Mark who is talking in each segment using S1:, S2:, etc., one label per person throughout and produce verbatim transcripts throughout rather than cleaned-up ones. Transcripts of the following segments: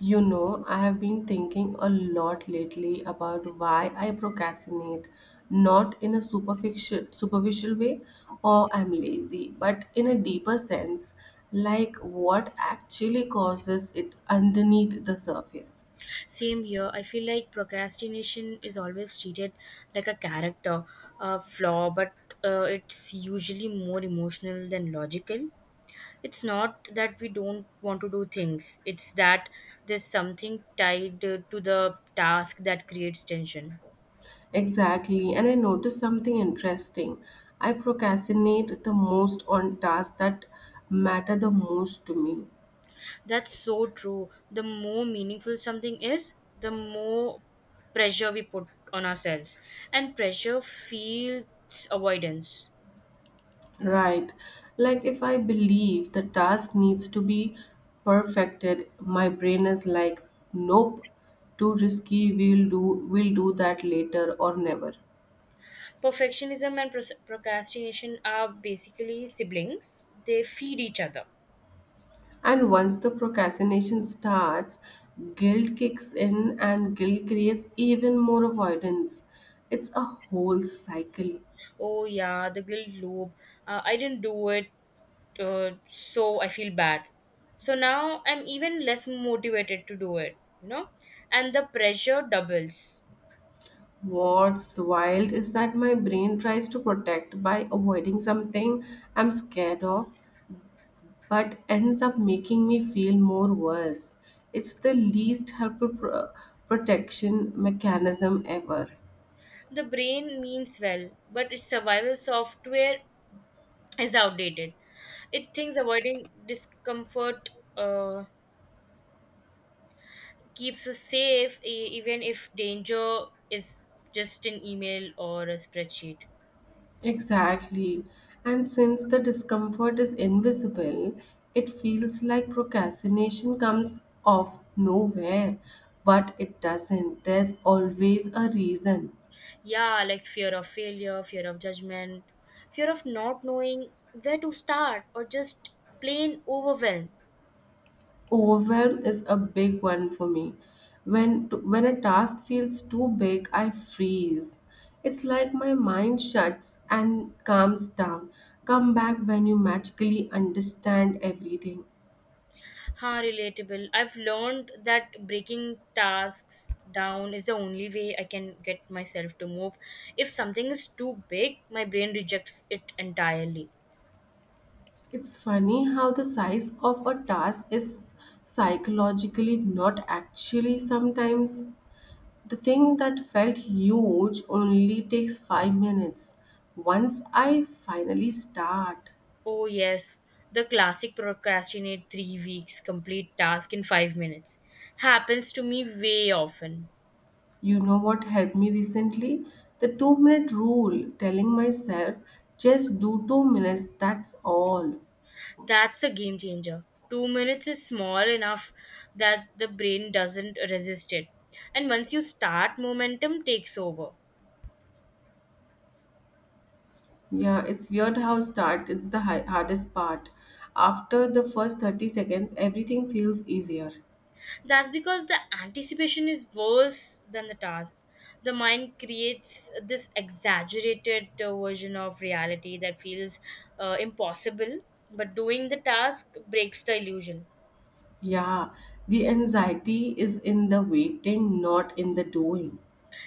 S1: You know, I have been thinking a lot lately about why I procrastinate, not in a superficial, superficial way or I'm lazy, but in a deeper sense, like what actually causes it underneath the surface.
S2: Same here. I feel like procrastination is always treated like a character uh, flaw, but uh, it's usually more emotional than logical. It's not that we don't want to do things, it's that there's something tied uh, to the task that creates tension.
S1: Exactly, and I noticed something interesting. I procrastinate the most on tasks that matter the most to me.
S2: That's so true. The more meaningful something is, the more pressure we put on ourselves, and pressure feels avoidance.
S1: Right. Like if I believe the task needs to be perfected, my brain is like, nope, too risky, we'll do we'll do that later or never.
S2: Perfectionism and pros- procrastination are basically siblings. They feed each other.
S1: And once the procrastination starts, guilt kicks in and guilt creates even more avoidance. It's a whole cycle.
S2: Oh yeah, the guilt loop. Uh, I didn't do it, uh, so I feel bad. So now I'm even less motivated to do it. You know, And the pressure doubles.
S1: What's wild is that my brain tries to protect by avoiding something I'm scared of but ends up making me feel more worse. It's the least helpful pro- protection mechanism ever.
S2: The brain means well, but its survival software is outdated. It thinks avoiding discomfort. Uh, Keeps us safe e- even if danger is just an email or a spreadsheet.
S1: Exactly. And since the discomfort is invisible, it feels like procrastination comes off nowhere. But it doesn't. There's always a reason.
S2: Yeah, like fear of failure, fear of judgment, fear of not knowing where to start, or just plain overwhelm.
S1: Overwhelm is a big one for me. When when a task feels too big, I freeze. It's like my mind shuts and calms down. Come back when you magically understand everything.
S2: Huh, relatable. I've learned that breaking tasks down is the only way I can get myself to move. If something is too big, my brain rejects it entirely.
S1: It's funny how the size of a task is psychologically not actually sometimes. The thing that felt huge only takes five minutes once I finally start.
S2: Oh, yes, the classic procrastinate three weeks, complete task in five minutes. Happens to me way often.
S1: You know what helped me recently? The two minute rule, telling myself, just do two minutes, that's all.
S2: That's a game changer. Two minutes is small enough that the brain doesn't resist it. And once you start, momentum takes over.
S1: Yeah, it's weird how start, it's the hi- hardest part. After the first thirty seconds, everything feels easier.
S2: That's because the anticipation is worse than the task. The mind creates this exaggerated uh, version of reality that feels uh, impossible, but doing the task breaks the illusion.
S1: Yeah, the anxiety is in the waiting, not in the doing.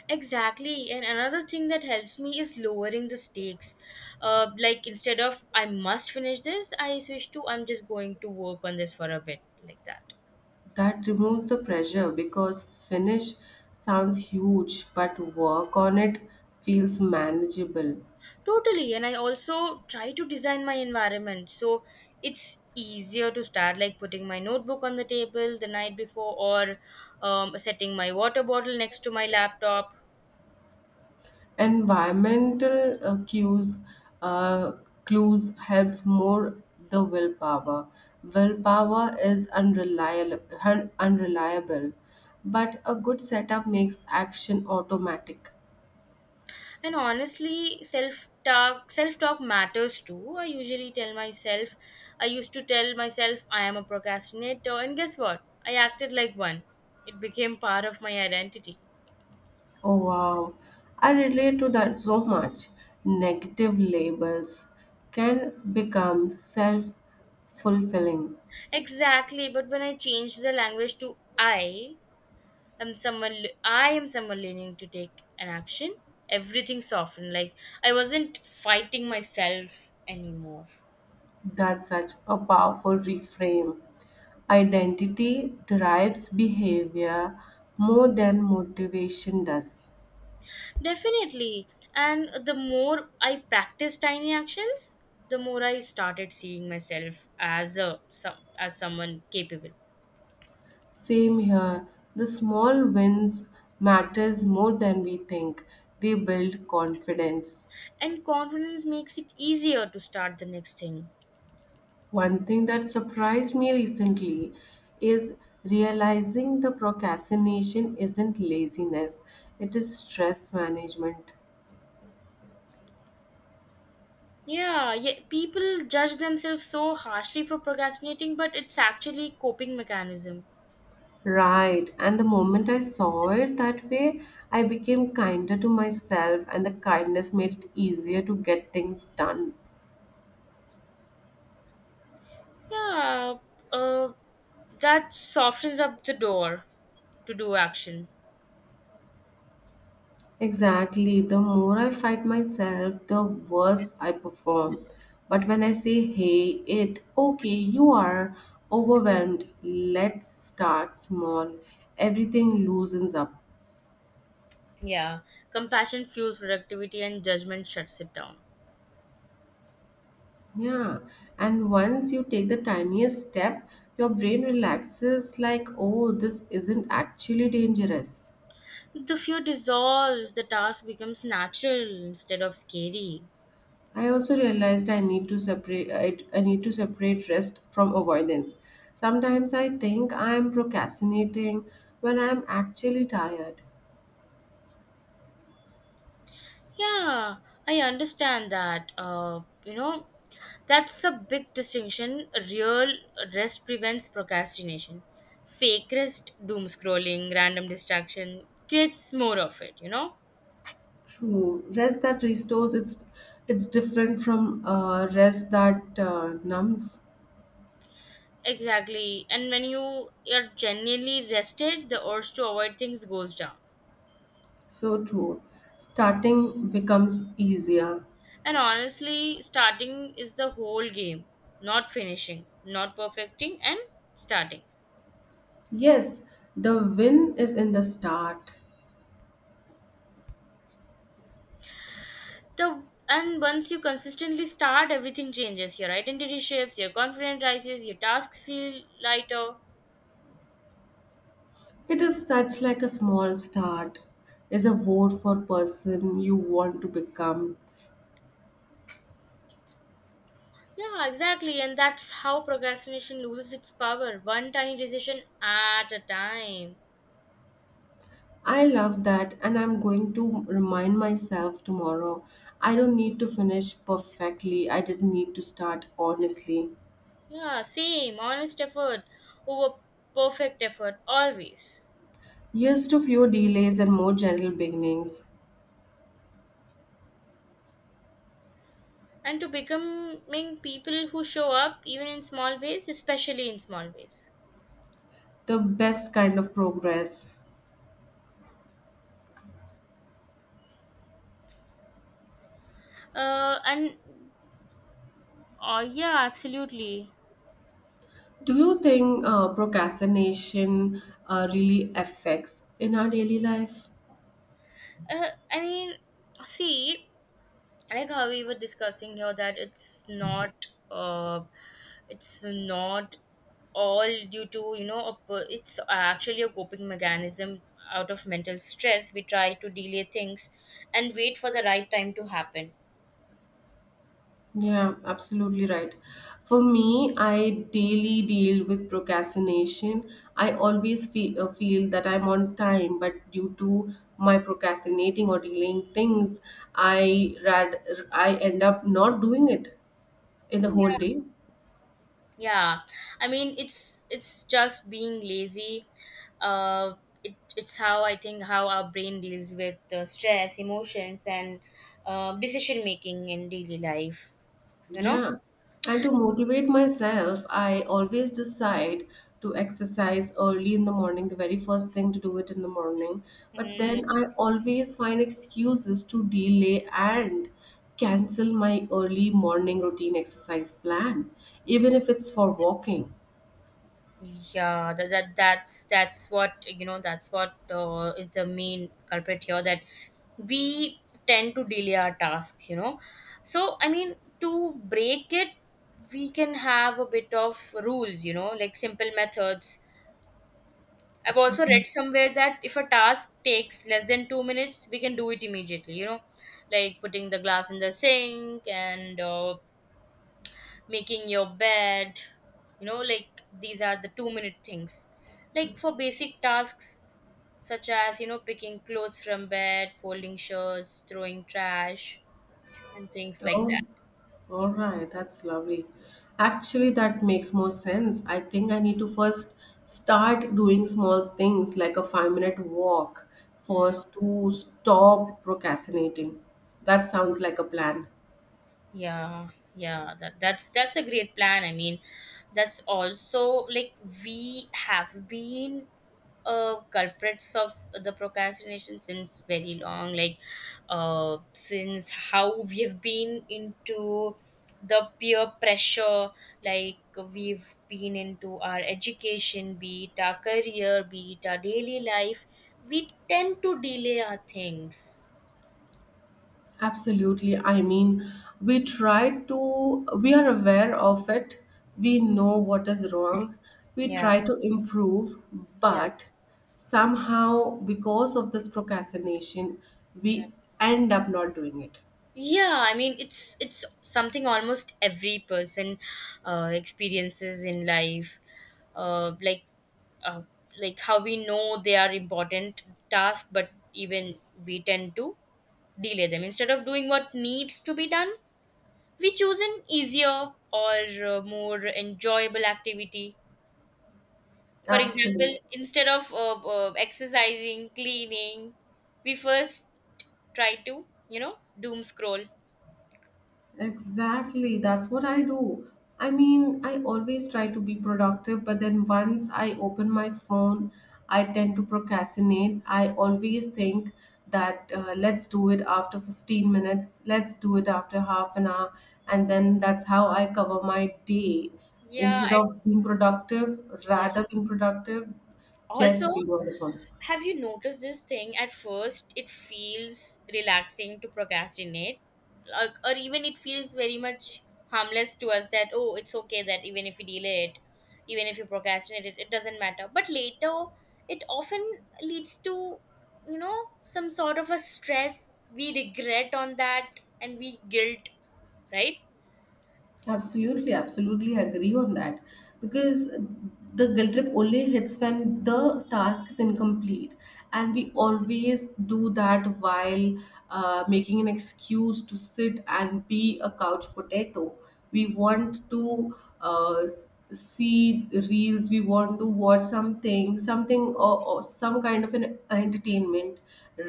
S2: Exactly. And another thing that helps me is lowering the stakes. Uh, like instead of I must finish this, I switch to I'm just going to work on this for a bit, like that.
S1: That removes the pressure because finish sounds huge, but work on it feels manageable.
S2: Totally. And I also try to design my environment so it's easier to start, like putting my notebook on the table the night before or um, setting my water bottle next to my laptop.
S1: Environmental uh, cues uh, clues helps more the willpower. Willpower is unreliable, unreliable, but a good setup makes action automatic.
S2: And honestly, self talk self talk matters too. I usually tell myself I used to tell myself I am a procrastinator and guess what? I acted like one. It became part of my identity.
S1: Oh wow, I relate to that so much. Negative labels can become self fulfilling.
S2: Exactly, but when I changed the language to I, am someone I am someone leaning to take an action, everything softened, like I wasn't fighting myself anymore.
S1: That's such a powerful reframe. Identity drives behavior more than motivation does.
S2: Definitely. And the more I practice tiny actions, the more I started seeing myself as a some, as someone capable.
S1: Same here. The small wins matters more than we think. They build confidence.
S2: And confidence makes it easier to start the next thing.
S1: One thing that surprised me recently is realizing the procrastination isn't laziness, it is stress management.
S2: Yeah, yeah, people judge themselves so harshly for procrastinating, but it's actually coping mechanism.
S1: Right. And the moment I saw it that way, I became kinder to myself, and the kindness made it easier to get things done.
S2: Yeah, uh, that softens up the door to do action.
S1: Exactly. The more I fight myself, the worse I perform. But when I say, hey, it, okay, you are overwhelmed, let's start small, everything loosens up.
S2: Yeah, compassion fuels productivity and judgment shuts it down.
S1: Yeah. And once you take the tiniest step, your brain relaxes like, oh, this isn't actually dangerous.
S2: The fear dissolves, the task becomes natural instead of scary.
S1: I also realized I need to separate I, I need to separate rest from avoidance. Sometimes I think I am procrastinating when I am actually tired.
S2: Yeah, I understand that. Uh, you know, that's a big distinction. Real rest prevents procrastination. Fake rest, doom scrolling, random distraction creates more of it, you know?
S1: True, rest that restores it's it's different from uh, rest that uh, numbs.
S2: Exactly. And when you are genuinely rested, the urge to avoid things goes down.
S1: So true. Starting becomes easier.
S2: And honestly, starting is the whole game, not finishing, not perfecting, and starting.
S1: Yes, the win is in the start.
S2: The, and once you consistently start, everything changes. Your identity shifts, your confidence rises, your tasks feel lighter.
S1: It is such like a small start is a vote for person you want to become.
S2: Yeah, exactly, and that's how procrastination loses its power, one tiny decision at a time.
S1: I love that, and I'm going to remind myself tomorrow. I don't need to finish perfectly, I just need to start honestly.
S2: Yeah, same, honest effort over perfect effort, always.
S1: Years to fewer delays and more general beginnings.
S2: And to becoming people who show up even in small ways, especially in small ways.
S1: The best kind of progress.
S2: Uh, and uh, Yeah, absolutely.
S1: Do you think uh, procrastination uh, really affects in our daily life?
S2: uh, I mean, see, like how we were discussing here that it's not uh, it's not all due to you know a, per- it's actually a coping mechanism. Out of mental stress we try to delay things and wait for the right time to happen.
S1: Yeah, absolutely right. For me, I daily deal with procrastination. I always feel, uh, feel that I'm on time, but due to my procrastinating or delaying things, I rad I end up not doing it in the whole day.
S2: Yeah, I mean it's it's just being lazy. Uh, it, it's how I think how our brain deals with uh, stress, emotions, and uh, decision making in daily life. You know.
S1: Yeah. And to motivate myself, I always decide to exercise early in the morning, the very first thing to do it in the morning. But
S2: Mm,
S1: then I always find excuses to delay and cancel my early morning routine exercise plan, even if it's for walking.
S2: yeah, that, that that's that's what you know. That's what uh, is the main culprit here. That we tend to delay our tasks. You know. So I mean, to break it, we can have a bit of rules. You know, like simple methods. I've also
S1: Okay.
S2: read somewhere that if a task takes less than two minutes, we can do it immediately, you know, like putting the glass in the sink and uh, making your bed, you know, like these are the two minute things. Like for basic tasks such as, you know, picking clothes from bed, folding shirts, throwing trash, and things like
S1: Oh.
S2: that.
S1: All right, that's lovely. Actually, that makes more sense. I think I need to first start doing small things like a five minute walk first to stop procrastinating. That sounds like a plan.
S2: Yeah, yeah, that, that's that's a great plan. I mean, that's also like we have been uh culprits of the procrastination since very long, like uh since how we have been into the peer pressure, like we've been into our education, be it our career, be it our daily life, we tend to delay our things.
S1: Absolutely. I mean, we try to, we are aware of it, we know what is wrong, we
S2: Yeah.
S1: try to improve,
S2: Yeah.
S1: but somehow, because of this procrastination,
S2: Yeah.
S1: we end up not doing it.
S2: Yeah, I mean it's it's something almost every person uh, experiences in life, uh, like uh, like how we know they are important tasks, but even we tend to delay them. Instead of doing what needs to be done, we choose an easier or uh, more enjoyable activity. For example,
S1: Absolutely.
S2: instead of uh, uh, exercising, cleaning, we first try to, you know, doom scroll.
S1: Exactly. That's what I do. I mean, I always try to be productive, but then once I open my phone, I tend to procrastinate. I always think that uh, let's do it after fifteen minutes, let's do it after half an hour, and then that's how I cover my day.
S2: Yeah
S1: Instead
S2: I,
S1: of being productive,
S2: yeah
S1: rather being productive,
S2: Also,
S1: just being on the phone.
S2: have you noticed this thing? At first, it feels relaxing to procrastinate, like, or even it feels very much harmless to us that, oh, it's okay that even if we delay it, even if you procrastinate it, it doesn't matter. But later, it often leads to, you know, some sort of a stress. We regret on that and we guilt, right?
S1: Absolutely, absolutely agree on that. Because the guilt trip only hits when the task is incomplete. And we always do that while uh, making an excuse to sit and be a couch potato. We want to uh, s- see reels, we want to watch something, something or, or some kind of an entertainment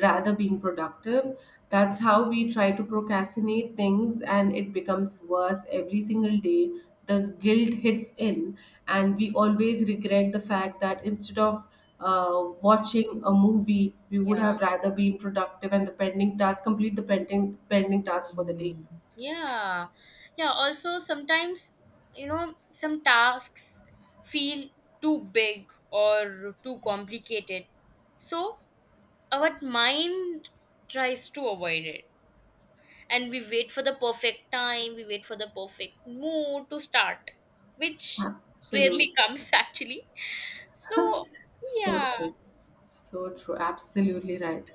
S1: rather being productive that's how we try to procrastinate things, and it becomes worse every single day. The guilt hits in, and we always regret the fact that instead of uh, watching a movie, we
S2: Yeah.
S1: would have rather been productive and the pending task complete the pending pending task for the day.
S2: Mm. Yeah, yeah, also sometimes, you know, some tasks feel too big or too complicated, so our mind tries to avoid it, and we wait for the perfect time, we wait for the perfect mood to start, which rarely
S1: Absolutely,
S2: comes actually. So
S1: so
S2: yeah.
S1: true, so true. Absolutely right.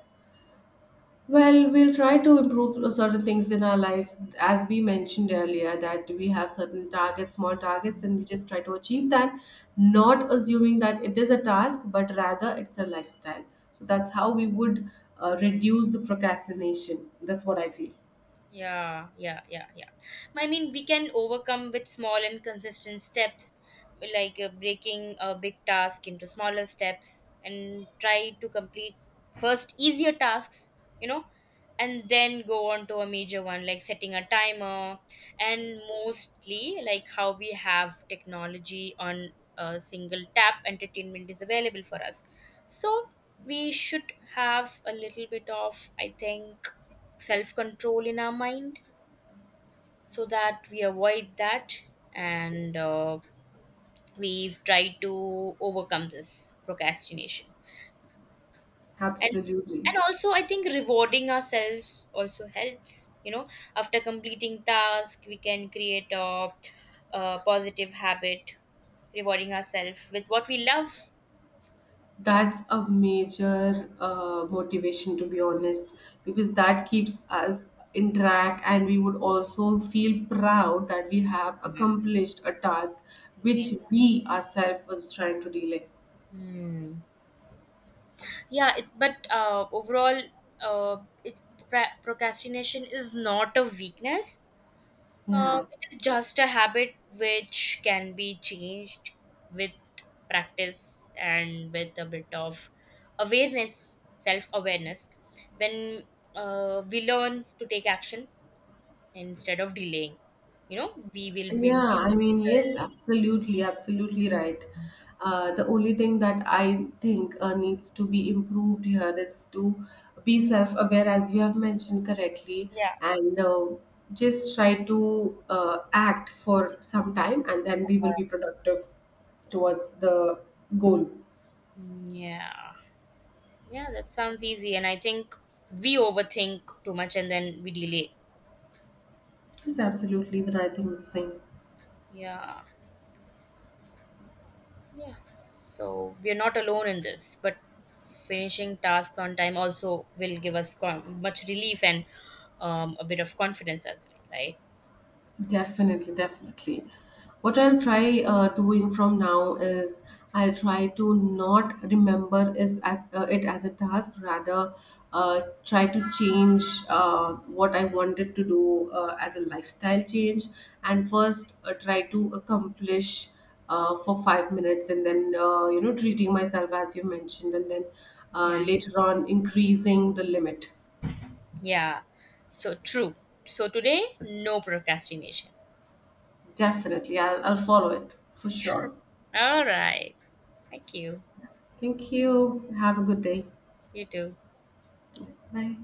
S1: Well, we'll try to improve certain things in our lives, as we mentioned earlier, that we have certain targets, small targets, and we just try to achieve that, not assuming that it is a task, but rather it's a lifestyle. So that's how we would uh, reduce the procrastination. That's what I feel.
S2: Yeah, yeah, yeah, yeah. I mean, we can overcome with small and consistent steps, like uh, breaking a big task into smaller steps and try to complete first easier tasks, you know, and then go on to a major one, like setting a timer. And mostly, like how we have technology on a single tap, entertainment is available for us. So, we should have a little bit of, I think, self control in our mind so that we avoid that, and uh, we try to overcome this procrastination. and and
S1: Absolutely.
S2: also, I think rewarding ourselves also helps, you know, after completing task we can create a, a positive habit, rewarding ourselves with what we love.
S1: That's a major uh, motivation, to be honest, because that keeps us in track, and we would also feel proud that we have accomplished a task which
S2: Yeah.
S1: we ourselves was trying to delay.
S2: Hmm. Yeah, it, but uh, overall, uh, it, procrastination is not a weakness. Uh,
S1: Yeah.
S2: it is just a habit which can be changed with practice and with a bit of awareness, self awareness, when uh, we learn to take action instead of delaying. You know, we will be
S1: Yeah,
S2: more.
S1: I mean, yes, absolutely, absolutely right. Uh, the only thing that I think uh, needs to be improved here is to be self aware, as you have mentioned correctly,
S2: Yeah.
S1: and uh, just try to uh, act for some time, and then we will be productive towards the goal.
S2: Yeah. Yeah, that sounds easy. And I think we overthink too much and then we delay.
S1: Yes, absolutely, but I think the same.
S2: Yeah. Yeah. So we are not alone in this, but finishing tasks on time also will give us con- much relief and um, a bit of confidence as well, right?
S1: Definitely, definitely. What I'll try uh, doing from now is I'll try to not remember is as, uh, it as a task, rather uh, try to change uh, what I wanted to do uh, as a lifestyle change, and first uh, try to accomplish uh, for five minutes, and then uh, you know treating myself as you mentioned, and then uh,
S2: Yeah.
S1: later on increasing the limit.
S2: Yeah. So true. So today, no procrastination.
S1: Definitely, I'll, I'll follow it for sure.
S2: All right. Thank you.
S1: Thank you. Have a good day.
S2: You too.
S1: Bye.